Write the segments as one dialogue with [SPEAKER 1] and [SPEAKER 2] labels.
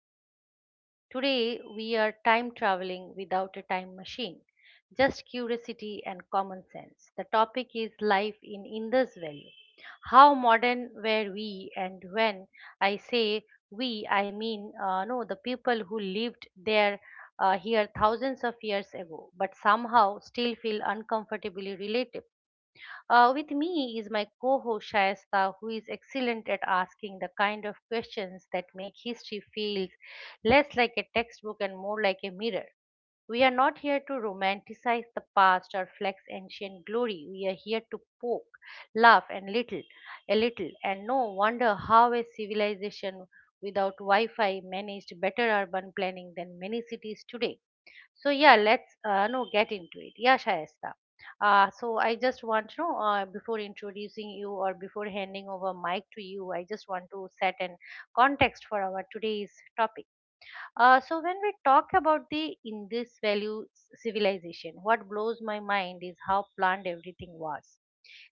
[SPEAKER 1] podcast, everyone. Today we are time traveling without a time machine, just curiosity and common sense. The topic is life in Indus Valley. How modern were we? And when I say we, I mean no, the people who lived there here thousands of years ago, but somehow still feel uncomfortably relatable. With me is my co host Shayesta, who is excellent at asking the kind of questions that make history feel less like a textbook and more like a mirror. We are not here to romanticize the past or flex ancient glory. We are here to poke, laugh, and a little, and no wonder how a civilization without Wi Fi managed better urban planning than many cities today. So yeah, let's no get into it. Yeah, Shayesta. So I just want to know before introducing you or before handing over mic to you, I just want to set an context for our today's topic. So when we talk about the Indus value civilization, what blows my mind is how planned everything was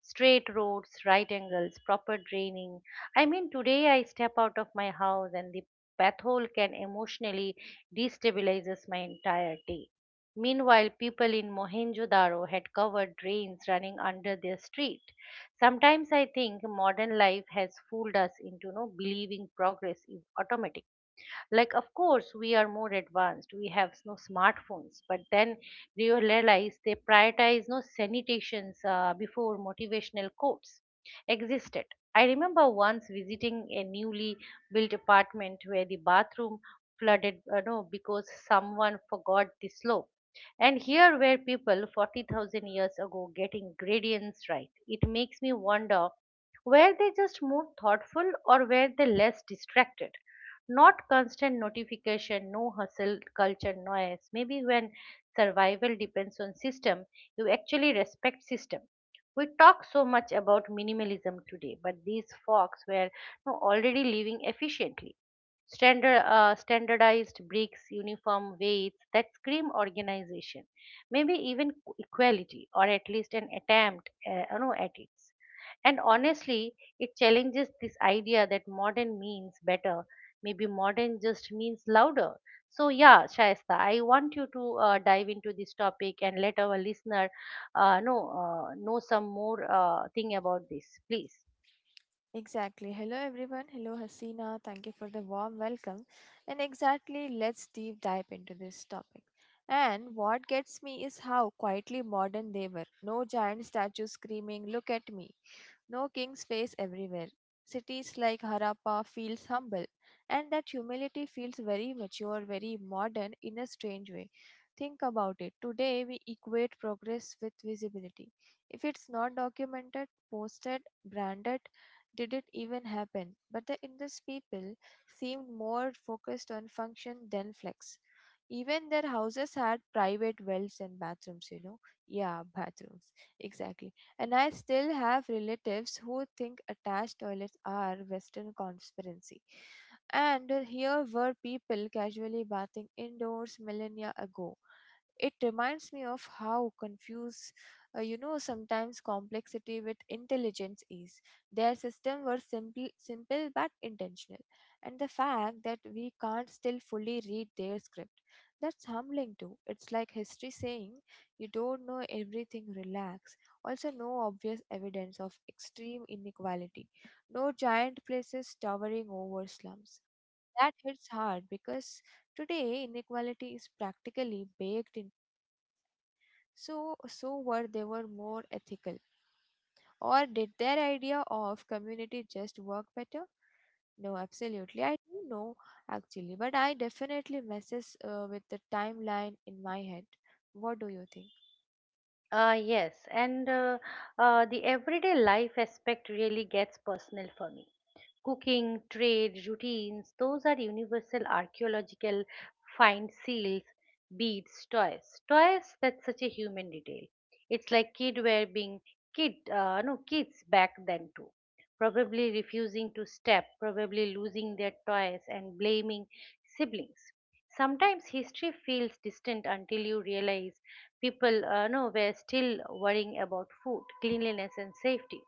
[SPEAKER 1] straight roads, right angles, proper draining. I mean, today I step out of my house and the path hole can emotionally destabilizes my entire day. Meanwhile, people in Mohenjo-daro had covered drains running under their street. Sometimes I think modern life has fooled us into no believing progress is automatic like of course we are more advanced we have no smartphones but then you realize they prioritize no sanitations before motivational quotes existed. I remember once visiting a newly built apartment where the bathroom flooded no because someone forgot the slope and here were people 40,000 years ago getting gradients right. It makes me wonder were they just more thoughtful or were they less distracted? Not constant notification, no hustle culture noise. Maybe when survival depends on system, you actually respect system. We talk so much about minimalism today, but these folks were no, already living efficiently. Standardized bricks, uniform weights that scream organization, maybe even equality, or at least an attempt at it. And honestly, it challenges this idea that modern means better. Maybe modern just means louder. So, yeah, Shaista, I want you to dive into this topic and let our listener know some more thing about this, please.
[SPEAKER 2] Exactly. Hello, everyone. Hello, Hasina. Thank you for the warm welcome. And exactly, let's deep dive into this topic. And what gets me is how quietly modern they were. No giant statues screaming, Look at me no king's face everywhere. Cities like Harappa feels humble, and that humility feels very mature, very modern in a strange way. Think about it. Today we equate progress with visibility. If it's not documented, posted, branded, did it even happen? But the Indus people seemed more focused on function than flex. Even their houses had private wells and bathrooms, you know. Yeah, bathrooms. Exactly. And I still have relatives who think attached toilets are Western conspiracy. And here were people casually bathing indoors millennia ago. It reminds me of how confused, sometimes complexity with intelligence is. Their system were simple, simple but intentional, and the fact that we can't still fully read their script, that's humbling too. It's like history saying, "You don't know everything. Relax." also no obvious evidence of extreme inequality, no giant places towering over slums. That hits hard because today inequality is practically baked in. So were they were more ethical, or did their idea of community just work better? No, absolutely. I don't know actually, but I definitely messes with the timeline in my head. What do you think?
[SPEAKER 1] Yes, and the everyday life aspect really gets personal for me. Cooking, trade, routines, those are universal archaeological find seals, beads, toys. Toys, that's such a human detail. It's like kid wear being kid, no, kids back then too. Probably refusing to step, probably losing their toys and blaming siblings. Sometimes history feels distant until you realize people know were still worrying about food, cleanliness, and safety.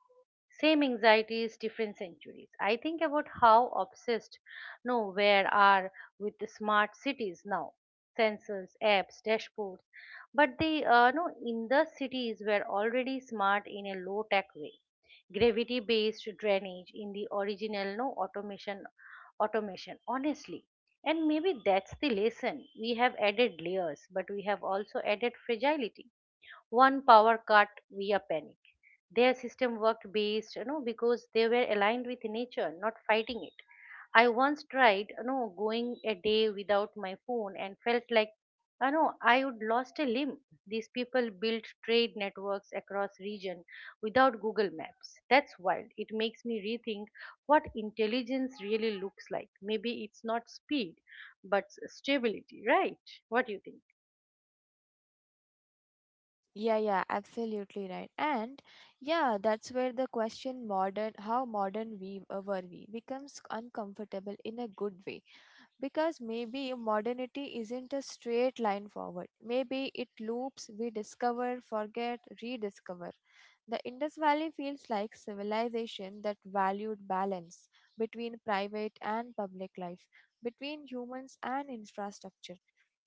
[SPEAKER 1] Same anxieties, different centuries. I think about how obsessed no where are with the smart cities now, sensors, apps, dashboards. But they no in the cities were already smart in a low tech way gravity based drainage in the original no automation honestly, and maybe that's the lesson. We have added layers, but we have also added fragility one power cut via panic. Their system worked based, you know, because they were aligned with nature, not fighting it. I once tried, you know, going a day without my phone and felt like, you know, I would lost a limb. These people built trade networks across region without Google Maps. That's wild. It makes me rethink what intelligence really looks like. Maybe it's not speed, but stability, right? What do you think?
[SPEAKER 2] Yeah, yeah, absolutely right. And yeah, that's where the question modern how modern we were we becomes uncomfortable in a good way because maybe modernity isn't a straight line forward. Maybe it loops we discover, forget, rediscover. The Indus Valley feels like civilization that valued balance between private and public life, between humans and infrastructure.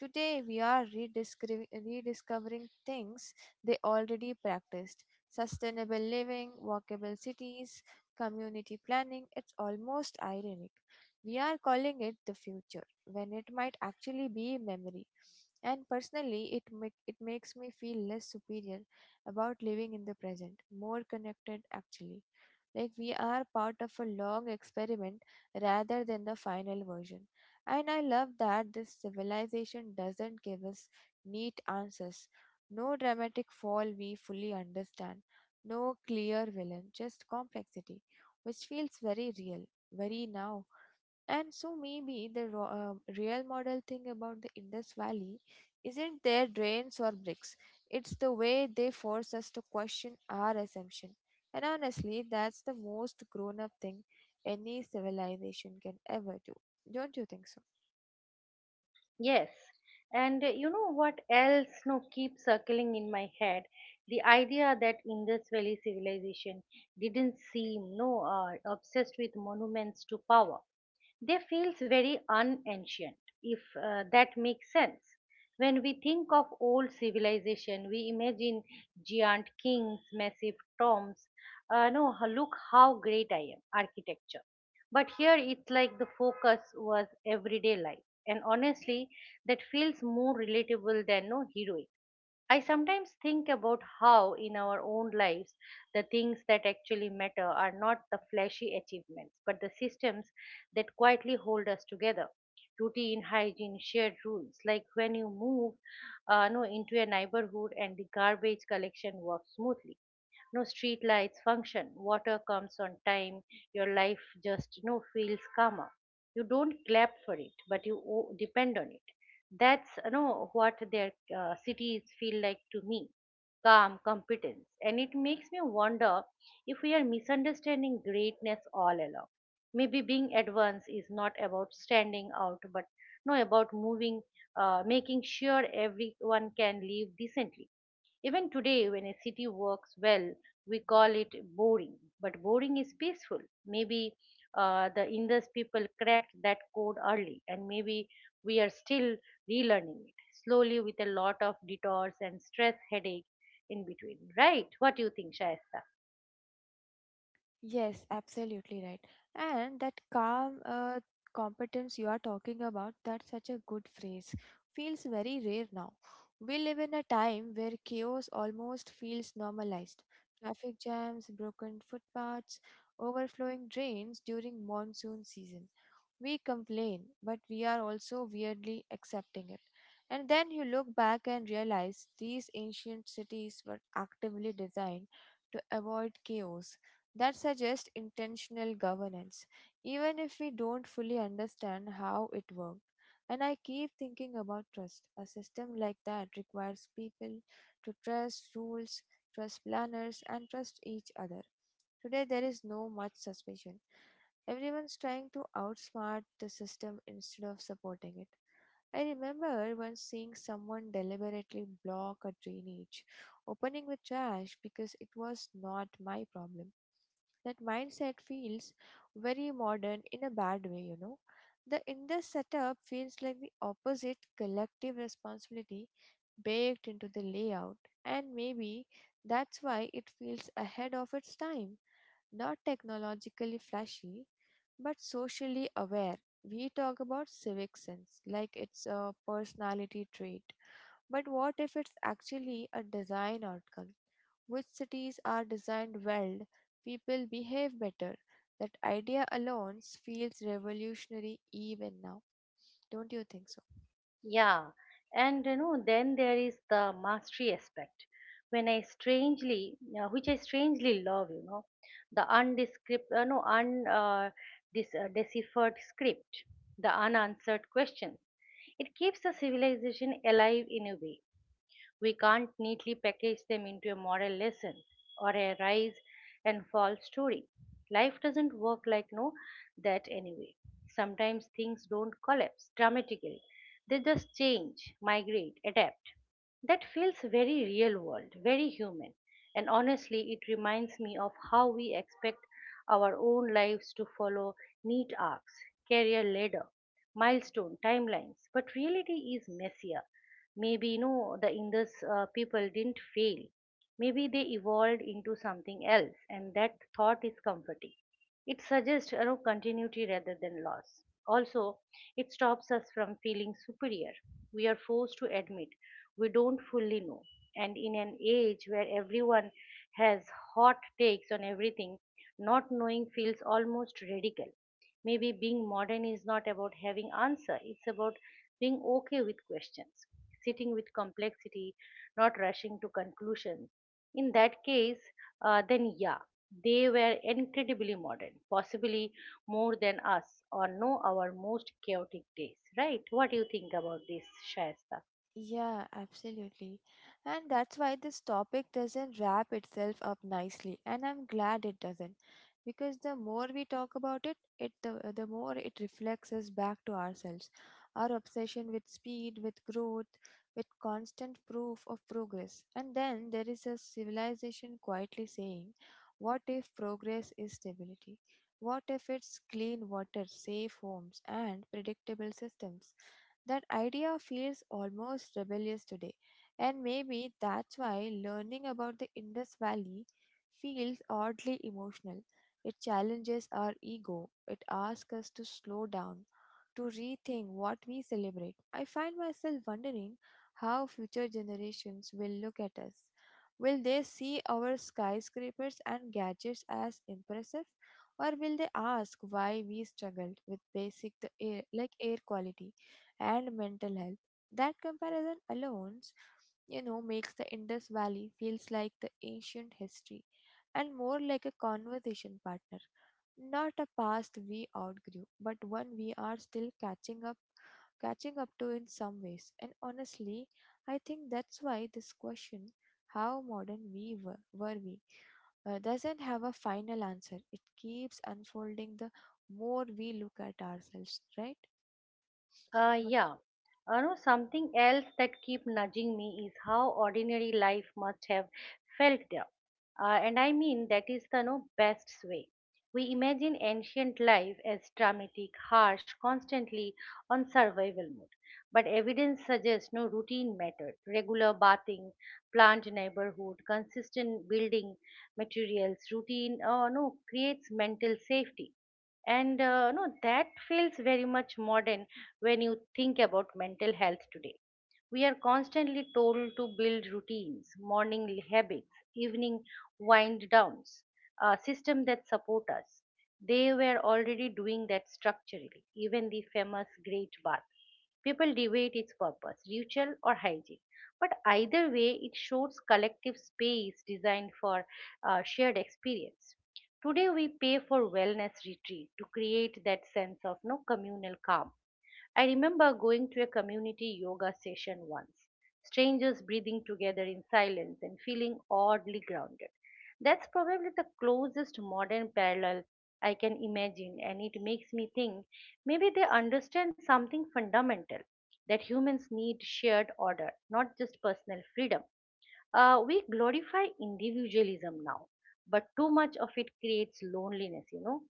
[SPEAKER 2] Today, we are rediscovering things they already practiced sustainable living, walkable cities, community planning. It's almost ironic we are calling it the future when it might actually be memory. And personally, it makes me feel less superior about living in the present, more connected actually. Like we are part of a long experiment rather than the final version. And I love that this civilization doesn't give us neat answers. No dramatic fall we fully understand, no clear villain, just complexity, which feels very real, very now. And so maybe the real model thing about the Indus Valley isn't their drains or bricks. It's the way they force us to question our assumption. And honestly, that's the most grown up thing any civilization can ever do. Don't you think so?
[SPEAKER 1] Yes, and you know what else no keeps circling in my head? The idea that Indus Valley civilization didn't seem no obsessed with monuments to power. They feels very unancient, if that makes sense. When we think of old civilization, we imagine giant kings, massive tombs. No, h- look how great I am, architecture. But here it's like the focus was everyday life and honestly that feels more relatable than no heroic. I sometimes think about how in our own lives the things that actually matter are not the flashy achievements but the systems that quietly hold us together routine hygiene shared rules like when you move no into a neighborhood and the garbage collection works smoothly no street lights function. Water comes on time. Your life just no feels calmer. You don't clap for it, but you depend on it. That's you know what their cities feel like to me. Calm, competence, and it makes me wonder if we are misunderstanding greatness all along. Maybe being advanced is not about standing out, but no about moving making sure everyone can live decently. Even today, when a city works well, we call it boring. But boring is peaceful. Maybe the Indus people cracked that code early, and maybe we are still relearning it slowly with a lot of detours and stress headache in between. Right? What do you think, Shayesta?
[SPEAKER 2] Yes, absolutely right. And that calm competence you are talking about, that's such a good phrase. Feels very rare now. We live in a time where chaos almost feels normalized. Traffic jams, broken footpaths, overflowing drains during monsoon season. We complain, but we are also weirdly accepting it. And then you look back and realize these ancient cities were actively designed to avoid chaos. That suggests intentional governance, even if we don't fully understand how it worked. And I keep thinking about trust. A system like that requires people to trust rules, trust planners, and trust each other. Today, there is no much suspicion. Everyone's trying to outsmart the system instead of supporting it. I remember once seeing someone deliberately block a drainage opening with trash because it was not my problem. That mindset feels very modern in a bad way, you know. The in this setup feels like the opposite collective responsibility baked into the layout, and maybe that's why it feels ahead of its time. Not technologically flashy, but socially aware. We talk about civic sense like it's a personality trait. But what if it's actually a design outcome? Which cities are designed well? People behave better. That idea alone feels revolutionary even now. Don't you think so?
[SPEAKER 1] Yeah, and you know, then there is the mastery aspect, which I strangely love, you know, the undescript, no, un, this deciphered script, the unanswered questions. It keeps a civilization alive in a way. We can't neatly package them into a moral lesson or a rise and fall story. Life doesn't work like no that anyway. Sometimes things don't collapse dramatically. They just change, migrate, adapt. That feels very real world, very human. And honestly, it reminds me of how we expect our own lives to follow neat arcs, career ladder, milestone timelines. But reality is messier. Maybe you know the Indus people didn't fail. Maybe they evolved into something else, and that thought is comforting. It suggests you know, continuity rather than loss. Also, it stops us from feeling superior. We are forced to admit we don't fully know. And in an age where everyone has hot takes on everything, not knowing feels almost radical. Maybe being modern is not about having answer it's about being okay with questions, sitting with complexity, not rushing to conclusions. In that case, then yeah, they were incredibly modern, possibly more than us or know our most chaotic days, right? What do you think about this, Shasta?
[SPEAKER 2] Yeah, absolutely. And that's why this topic doesn't wrap itself up nicely, and I'm glad it doesn't. Because the more we talk about it, the more it reflects us back to ourselves. Our obsession with speed, with growth, with constant proof of progress. And then there is a civilization quietly saying, what if progress is stability? What if it's clean water, safe homes, and predictable systems? That idea feels almost rebellious today, and maybe that's why learning about the Indus Valley feels oddly emotional. It challenges our ego, it asks us to slow down, to rethink what we celebrate. I find myself wondering how future generations will look at us. Will they see our skyscrapers and gadgets as impressive, or will they ask why we struggled with basic the air, like air quality? And mental health. That comparison alone, you know, makes the Indus Valley feels like the ancient history and more like a conversation partner, not a past we outgrew, but one we are still catching up to in some ways. And honestly, I think that's why this question how modern we were we doesn't have a final answer. It keeps unfolding the more we look at ourselves, right?
[SPEAKER 1] Yeah. You know, something else that keep nudging me is how ordinary life must have felt there. And I mean that is the no best way. We imagine ancient life as dramatic, harsh, constantly on survival mode. But evidence suggests no routine mattered. Regular bathing, planned neighborhood, consistent building materials, routine, no creates mental safety and no that feels very much modern when you think about mental health today. We are constantly told to build routines, morning habits, evening wind downs, a system that support us. They were already doing that structurally, even the famous Great Bath. People debate its purpose, ritual or hygiene. But either way, it shows collective space designed for shared experience. Today, we pay for wellness retreat to create that sense of no communal calm. I remember going to a community yoga session once, strangers breathing together in silence and feeling oddly grounded. That's probably the closest modern parallel I can imagine, and it makes me think maybe they understand something fundamental that humans need shared order, not just personal freedom. We glorify individualism now, but too much of it creates loneliness, you know.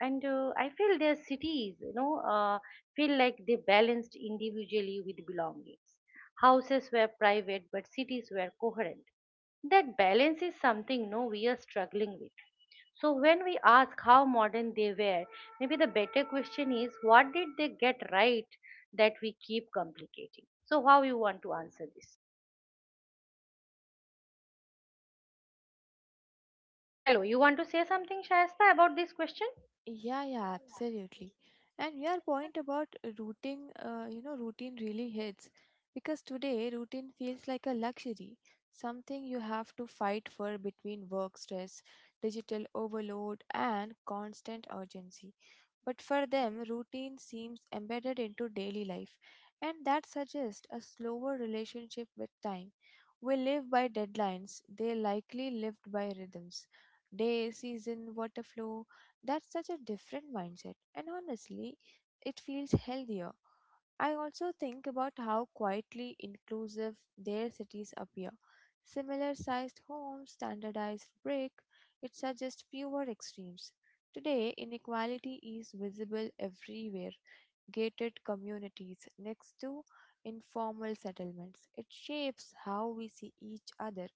[SPEAKER 1] And I feel their cities, feel like they balanced individually with belongings. Houses were private, but cities were coherent. That balance is something no we are struggling with. So when we ask how modern they were, maybe the better question is what did they get right that we keep complicating. So how you want to answer this? Hello, you want to say something, Shayasta, about this question?
[SPEAKER 2] Yeah, yeah, absolutely. And your point about routine really hits because today routine feels like a luxury, something you have to fight for between work stress, digital overload, and constant urgency. But for them, routine seems embedded into daily life, and that suggests a slower relationship with time. We live by deadlines, they likely lived by rhythms. Day, season, water flow that's such a different mindset, and honestly, it feels healthier. I also think about how quietly inclusive their cities appear. Similar sized homes, standardized brick, it suggests fewer extremes. Today, inequality is visible everywhere, gated communities next to informal settlements. It shapes how we see each other.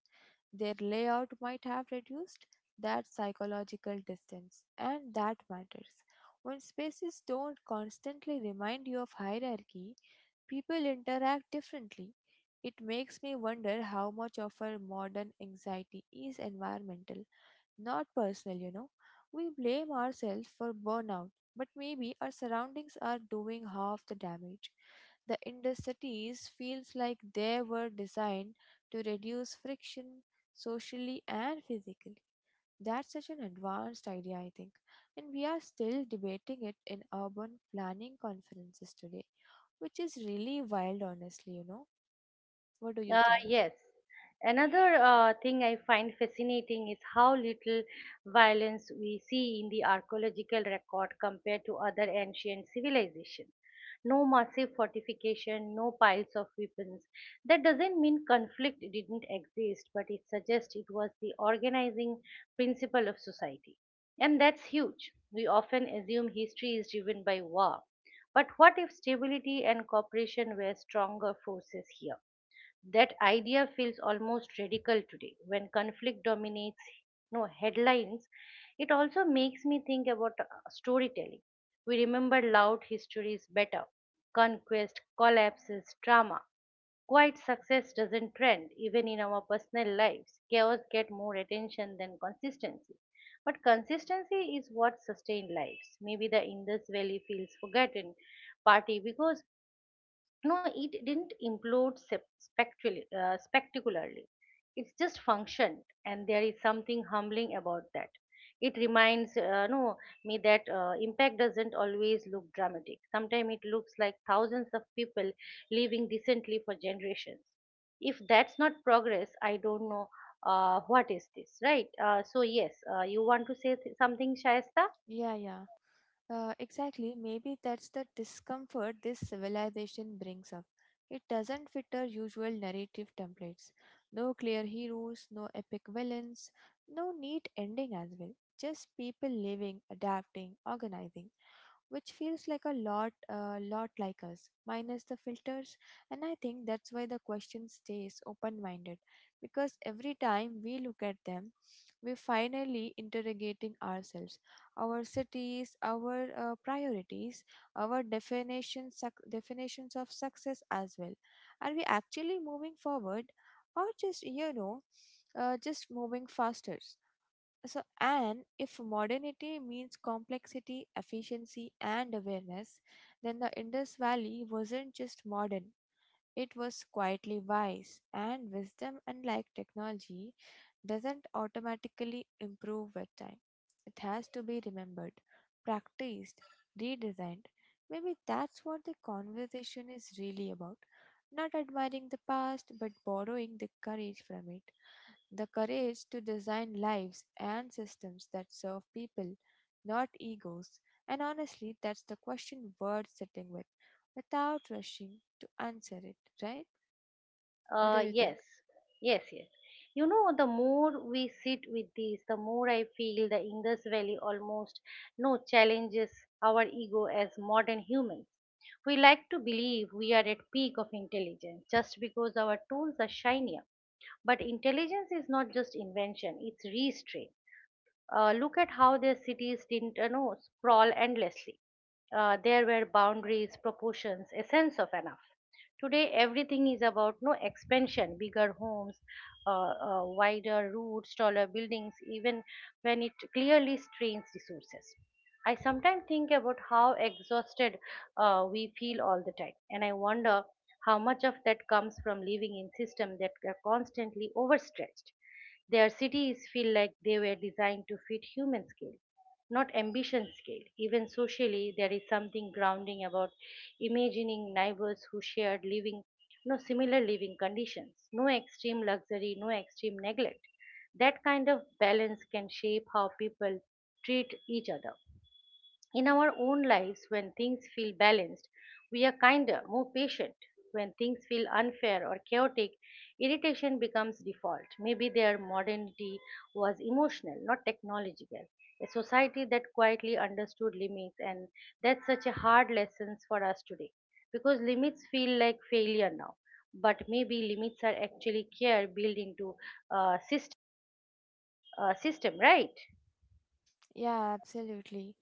[SPEAKER 2] Their layout might have reduced that psychological distance, and that matters. When spaces don't constantly remind you of hierarchy, people interact differently. It makes me wonder how much of our modern anxiety is environmental not personal, you know. We blame ourselves for burnout, but maybe our surroundings are doing half the damage. The Indus cities feels like they were designed to reduce friction socially and physically. That's such an advanced idea, I think. And we are still debating it in urban planning conferences today, which is really wild, honestly, you know. What do you
[SPEAKER 1] Uh,
[SPEAKER 2] think?
[SPEAKER 1] yes. Another thing I find fascinating is how little violence we see in the archaeological record compared to other ancient civilizations. No massive fortification, no piles of weapons. That doesn't mean conflict didn't exist, but it suggests it was the organizing principle of society. And that's huge. We often assume history is driven by war. But what if stability and cooperation were stronger forces here? That idea feels almost radical today when conflict dominates no headlines. It also makes me think about storytelling. We remember loud histories better. Conquest, collapses, drama. Quiet success doesn't trend even in our personal lives. Chaos get more attention than consistency. But consistency is what sustains lives. Maybe the Indus Valley feels forgotten partly because no it didn't implode spectrally, spectacularly, it's just functioned, and there is something humbling about that. It reminds me that impact doesn't always look dramatic. Sometimes it looks like thousands of people living decently for generations. If that's not progress, I don't know what is. This right? So yes, you want to say something, Shaista?
[SPEAKER 2] Yeah, yeah. Exactly. Maybe that's the discomfort this civilization brings up. It doesn't fit our usual narrative templates. No clear heroes, no epic villains, no neat ending as well. Just people living, adapting, organizing which feels like a lot like us minus the filters. And I think that's why the question stays open minded, because every time we look at them we finally interrogating ourselves, our cities, our priorities, our definitions of success as well. Are we actually moving forward, or just you know just moving faster? So, and if modernity means complexity, efficiency, and awareness, then the Indus Valley wasn't just modern, it was quietly wise. And wisdom, unlike technology, doesn't automatically improve with time. It has to be remembered, practiced, redesigned. Maybe that's what the conversation is really about. Not admiring the past, but borrowing the courage from it the courage to design lives and systems that serve people, not egos. And honestly, that's the question worth sitting with without rushing to answer it, right? What do
[SPEAKER 1] Uh,
[SPEAKER 2] you
[SPEAKER 1] yes,
[SPEAKER 2] think?
[SPEAKER 1] yes. You know, the more we sit with this, the more I feel the Indus Valley almost no challenges our ego as modern humans. We like to believe we are at peak of intelligence just because our tools are shinier. But intelligence is not just invention, it's restraint. Look at how their cities didn't, you know, sprawl endlessly. There were boundaries, proportions, a sense of enough. Today, everything is about no expansion, bigger homes, wider routes, taller buildings, even when it clearly strains resources. I sometimes think about how exhausted we feel all the time, and I wonder how much of that comes from living in systems that are constantly overstretched. Their cities feel like they were designed to fit human scale, not ambition scale. Even socially, there is something grounding about imagining neighbors who shared living, no similar living conditions, no extreme luxury, no extreme neglect. That kind of balance can shape how people treat each other. In our own lives, when things feel balanced, we are kinder, more patient. When things feel unfair or chaotic, irritation becomes default. Maybe their modernity was emotional, not technological. A society that quietly understood limits, and that's such a hard lesson for us today because limits feel like failure now. But maybe limits are actually care built into a system, system, right?
[SPEAKER 2] Yeah, absolutely.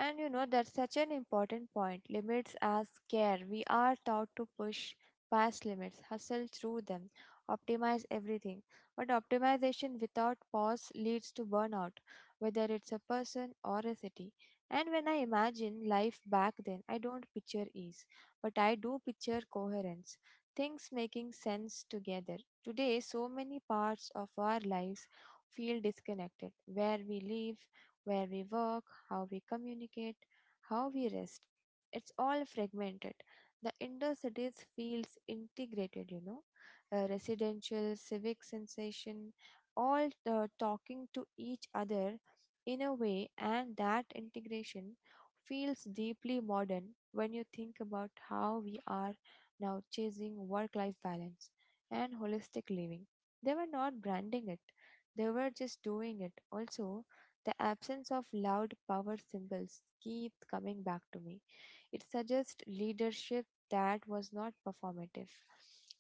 [SPEAKER 2] And you know, that's such an important point. Limits as care. We are taught to push past limits, hustle through them, optimize everything. But optimization without pause leads to burnout, whether it's a person or a city. And when I imagine life back then, I don't picture ease, but I do picture coherence, things making sense together. Today, so many parts of our lives feel disconnected where we live, where we work, how we communicate, how we rest. It's all fragmented. The indoor cities feels integrated, you know, residential, civic sensation, all the talking to each other in a way, and that integration feels deeply modern when you think about how we are now chasing work life balance and holistic living. They were not branding it, they were just doing it. Also, the absence of loud power symbols keeps coming back to me. It suggests leadership that was not performative.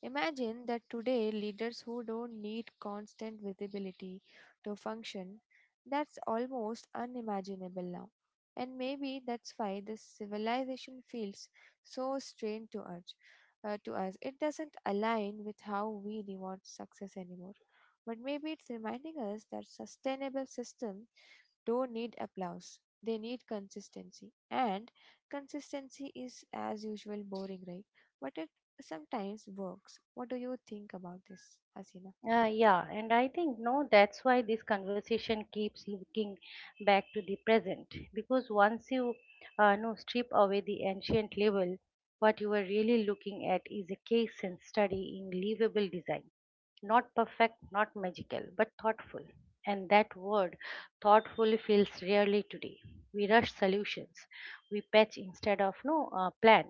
[SPEAKER 2] Imagine that today leaders who don't need constant visibility to function, that's almost unimaginable now. And maybe that's why this civilization feels so strange to us. To us, it doesn't align with how we reward success anymore. But maybe it's reminding us that sustainable systems don't need applause. They need consistency. And consistency is, as usual, boring, right? But it sometimes works. What do you think about this, Hasina?
[SPEAKER 1] Yeah, and I think no, that's why this conversation keeps looking back to the present, because once you no strip away the ancient label, what you are really looking at is a case and study in livable design. Not perfect, not magical, but thoughtful. And that word thoughtful feels rarely today. We rush solutions, we patch instead of no plan,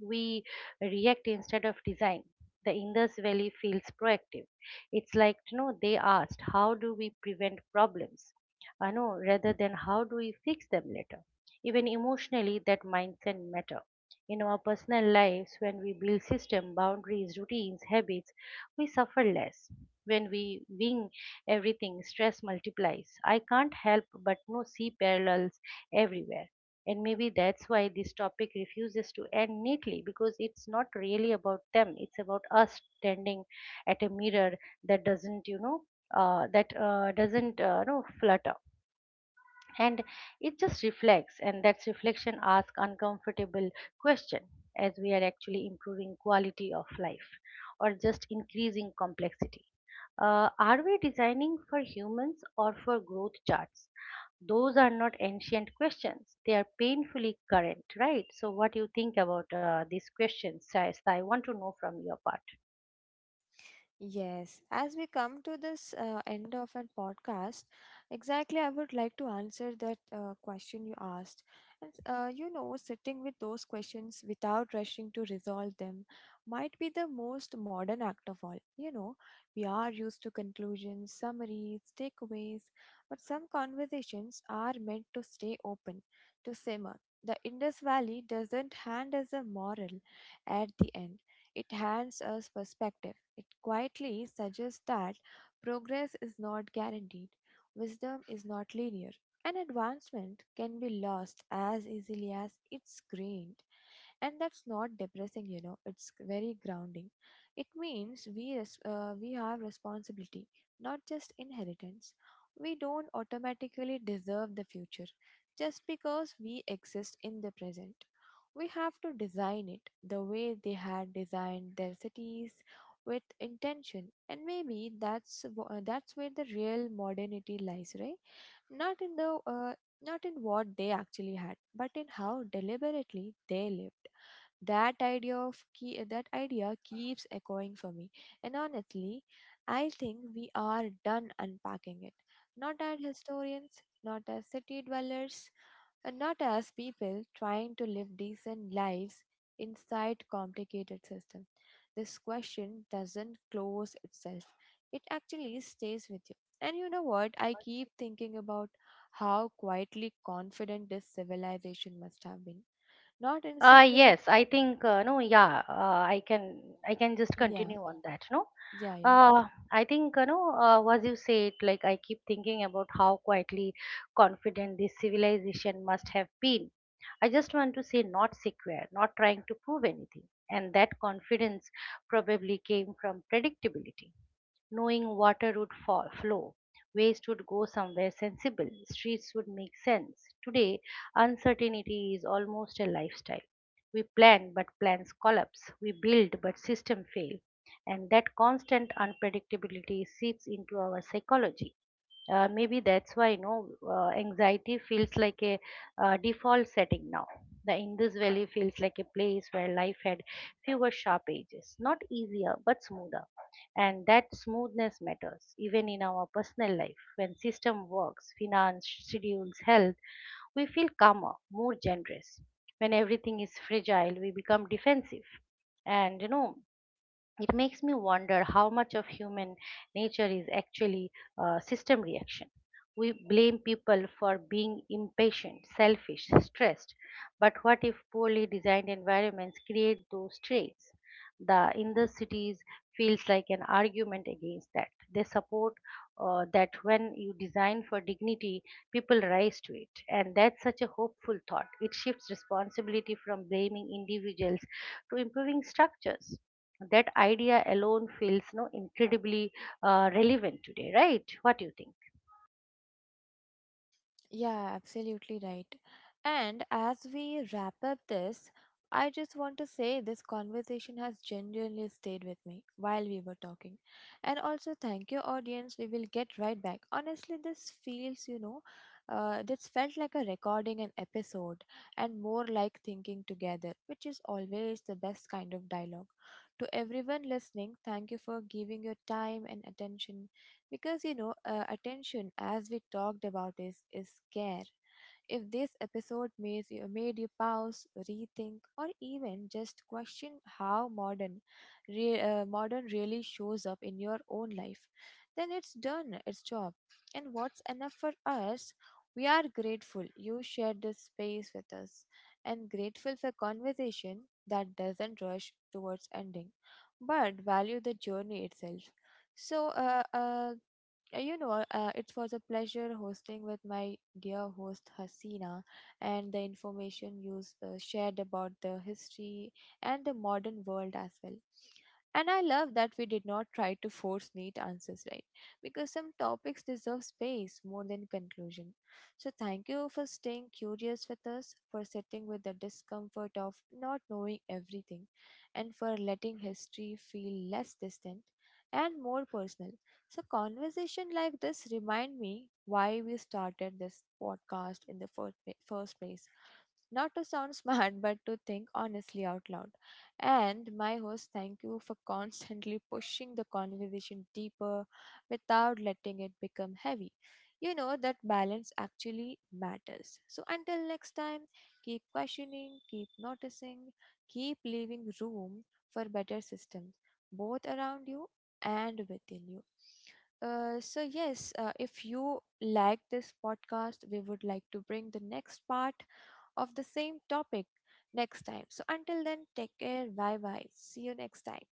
[SPEAKER 1] we react instead of design. The Indus Valley feels proactive. It's like, you know, they asked, how do we prevent problems, I know, rather than how do we fix them later? Even emotionally, that mindset matter. In our personal lives, when we build system boundaries, routines, habits, we suffer less. When we wing everything, stress multiplies. I can't help but no see parallels everywhere. And maybe that's why this topic refuses to end neatly, because it's not really about them, it's about us standing at a mirror that doesn't, you know, that doesn't, flutter, and it just reflects. And that's reflection asks uncomfortable question. As we are actually improving quality of life, or just increasing complexity? Are we designing for humans or for growth charts? Those are not ancient questions, they are painfully current, right? So what do you think about these questions, Sai? I want to know from your part.
[SPEAKER 2] Yes, as we come to this end of our podcast, exactly, I would like to answer that question you asked. And, you know, sitting with those questions without rushing to resolve them might be the most modern act of all. You know, we are used to conclusions, summaries, takeaways, but some conversations are meant to stay open, to simmer. The Indus Valley doesn't hand us a moral at the end, it hands us perspective. It quietly suggests that progress is not guaranteed, wisdom is not linear, and advancement can be lost as easily as it's gained. And that's not depressing, you know, it's very grounding. It means we have responsibility, not just inheritance. We don't automatically deserve the future just because we exist in the present. We have to design it the way they had designed their cities, with intention. And maybe that's where the real modernity lies, right? Not in the uh, not in what they actually had, but in how deliberately they lived. That idea of key, that idea keeps echoing for me. And honestly, I think we are done unpacking it, not as historians, not as city dwellers, and not as people trying to live decent lives inside complicated system. This question doesn't close itself, it actually stays with you. And you know what I keep thinking about, how quietly confident this civilization must have been, not insecure.
[SPEAKER 1] Yes, I think no, yeah, I can just
[SPEAKER 2] Yeah.
[SPEAKER 1] continue on that, no.
[SPEAKER 2] Yeah, yeah.
[SPEAKER 1] Uh, I think, you know, as you said, like, I keep thinking about how quietly confident this civilization must have been. I just want to say, not secure, not trying to prove anything, and that confidence probably came from predictability, knowing water would fall, flow, waste would go somewhere sensible, streets would make sense. Today, uncertainty is almost a lifestyle. We plan, but plans collapse. We build, but systems fail. And that constant unpredictability seeps into our psychology. Maybe that's why no anxiety feels like a default setting now. The Indus Valley feels like a place where life had fewer sharp edges, not easier but smoother. And that smoothness matters even in our personal life. When system works, finance, schedules, health, we feel calmer, more generous. When everything is fragile, we become defensive. And you know, it makes me wonder how much of human nature is actually a system reaction. We blame people for being impatient, selfish, stressed, but what if poorly designed environments create those traits? The cities feels like an argument against that. They support that when you design for dignity, people rise to it, and that's such a hopeful thought. It shifts responsibility from blaming individuals to improving structures. That idea alone feels no incredibly relevant today, right? What do you think?
[SPEAKER 2] Yeah, absolutely right. And as we wrap up this, I just want to say this conversation has genuinely stayed with me while we were talking. And also, thank you, audience. We will get right back. Honestly, this feels, this felt like a recording an episode and more like thinking together, which is always the best kind of dialogue. To everyone listening, thank you for giving your time and attention, because attention, as we talked about, is care. If this episode made you pause, rethink, or even just question how modern, modern really shows up in your own life, then it's done its job. And what's enough for us? We are grateful you shared this space with us, and grateful for conversation that doesn't rush towards ending, but value the journey itself. So, it was a pleasure hosting with my dear host Hasina, and the information shared about the history and the modern world as well. And I love that we did not try to force neat answers, right? Because some topics deserve space more than conclusion. So, thank you for staying curious with us, for sitting with the discomfort of not knowing everything, and for letting history feel less distant and more personal. So conversation like this remind me why we started this podcast in the first place. Not to sound smart, but to think honestly out loud. And my host, thank you for constantly pushing the conversation deeper without letting it become heavy. You know that balance actually matters. So until next time, keep questioning, keep noticing, keep leaving room for better systems, both around you and within you. So yes, if you like this podcast, we would like to bring the next part of the same topic next time. So until then, take care. Bye bye. See you next time.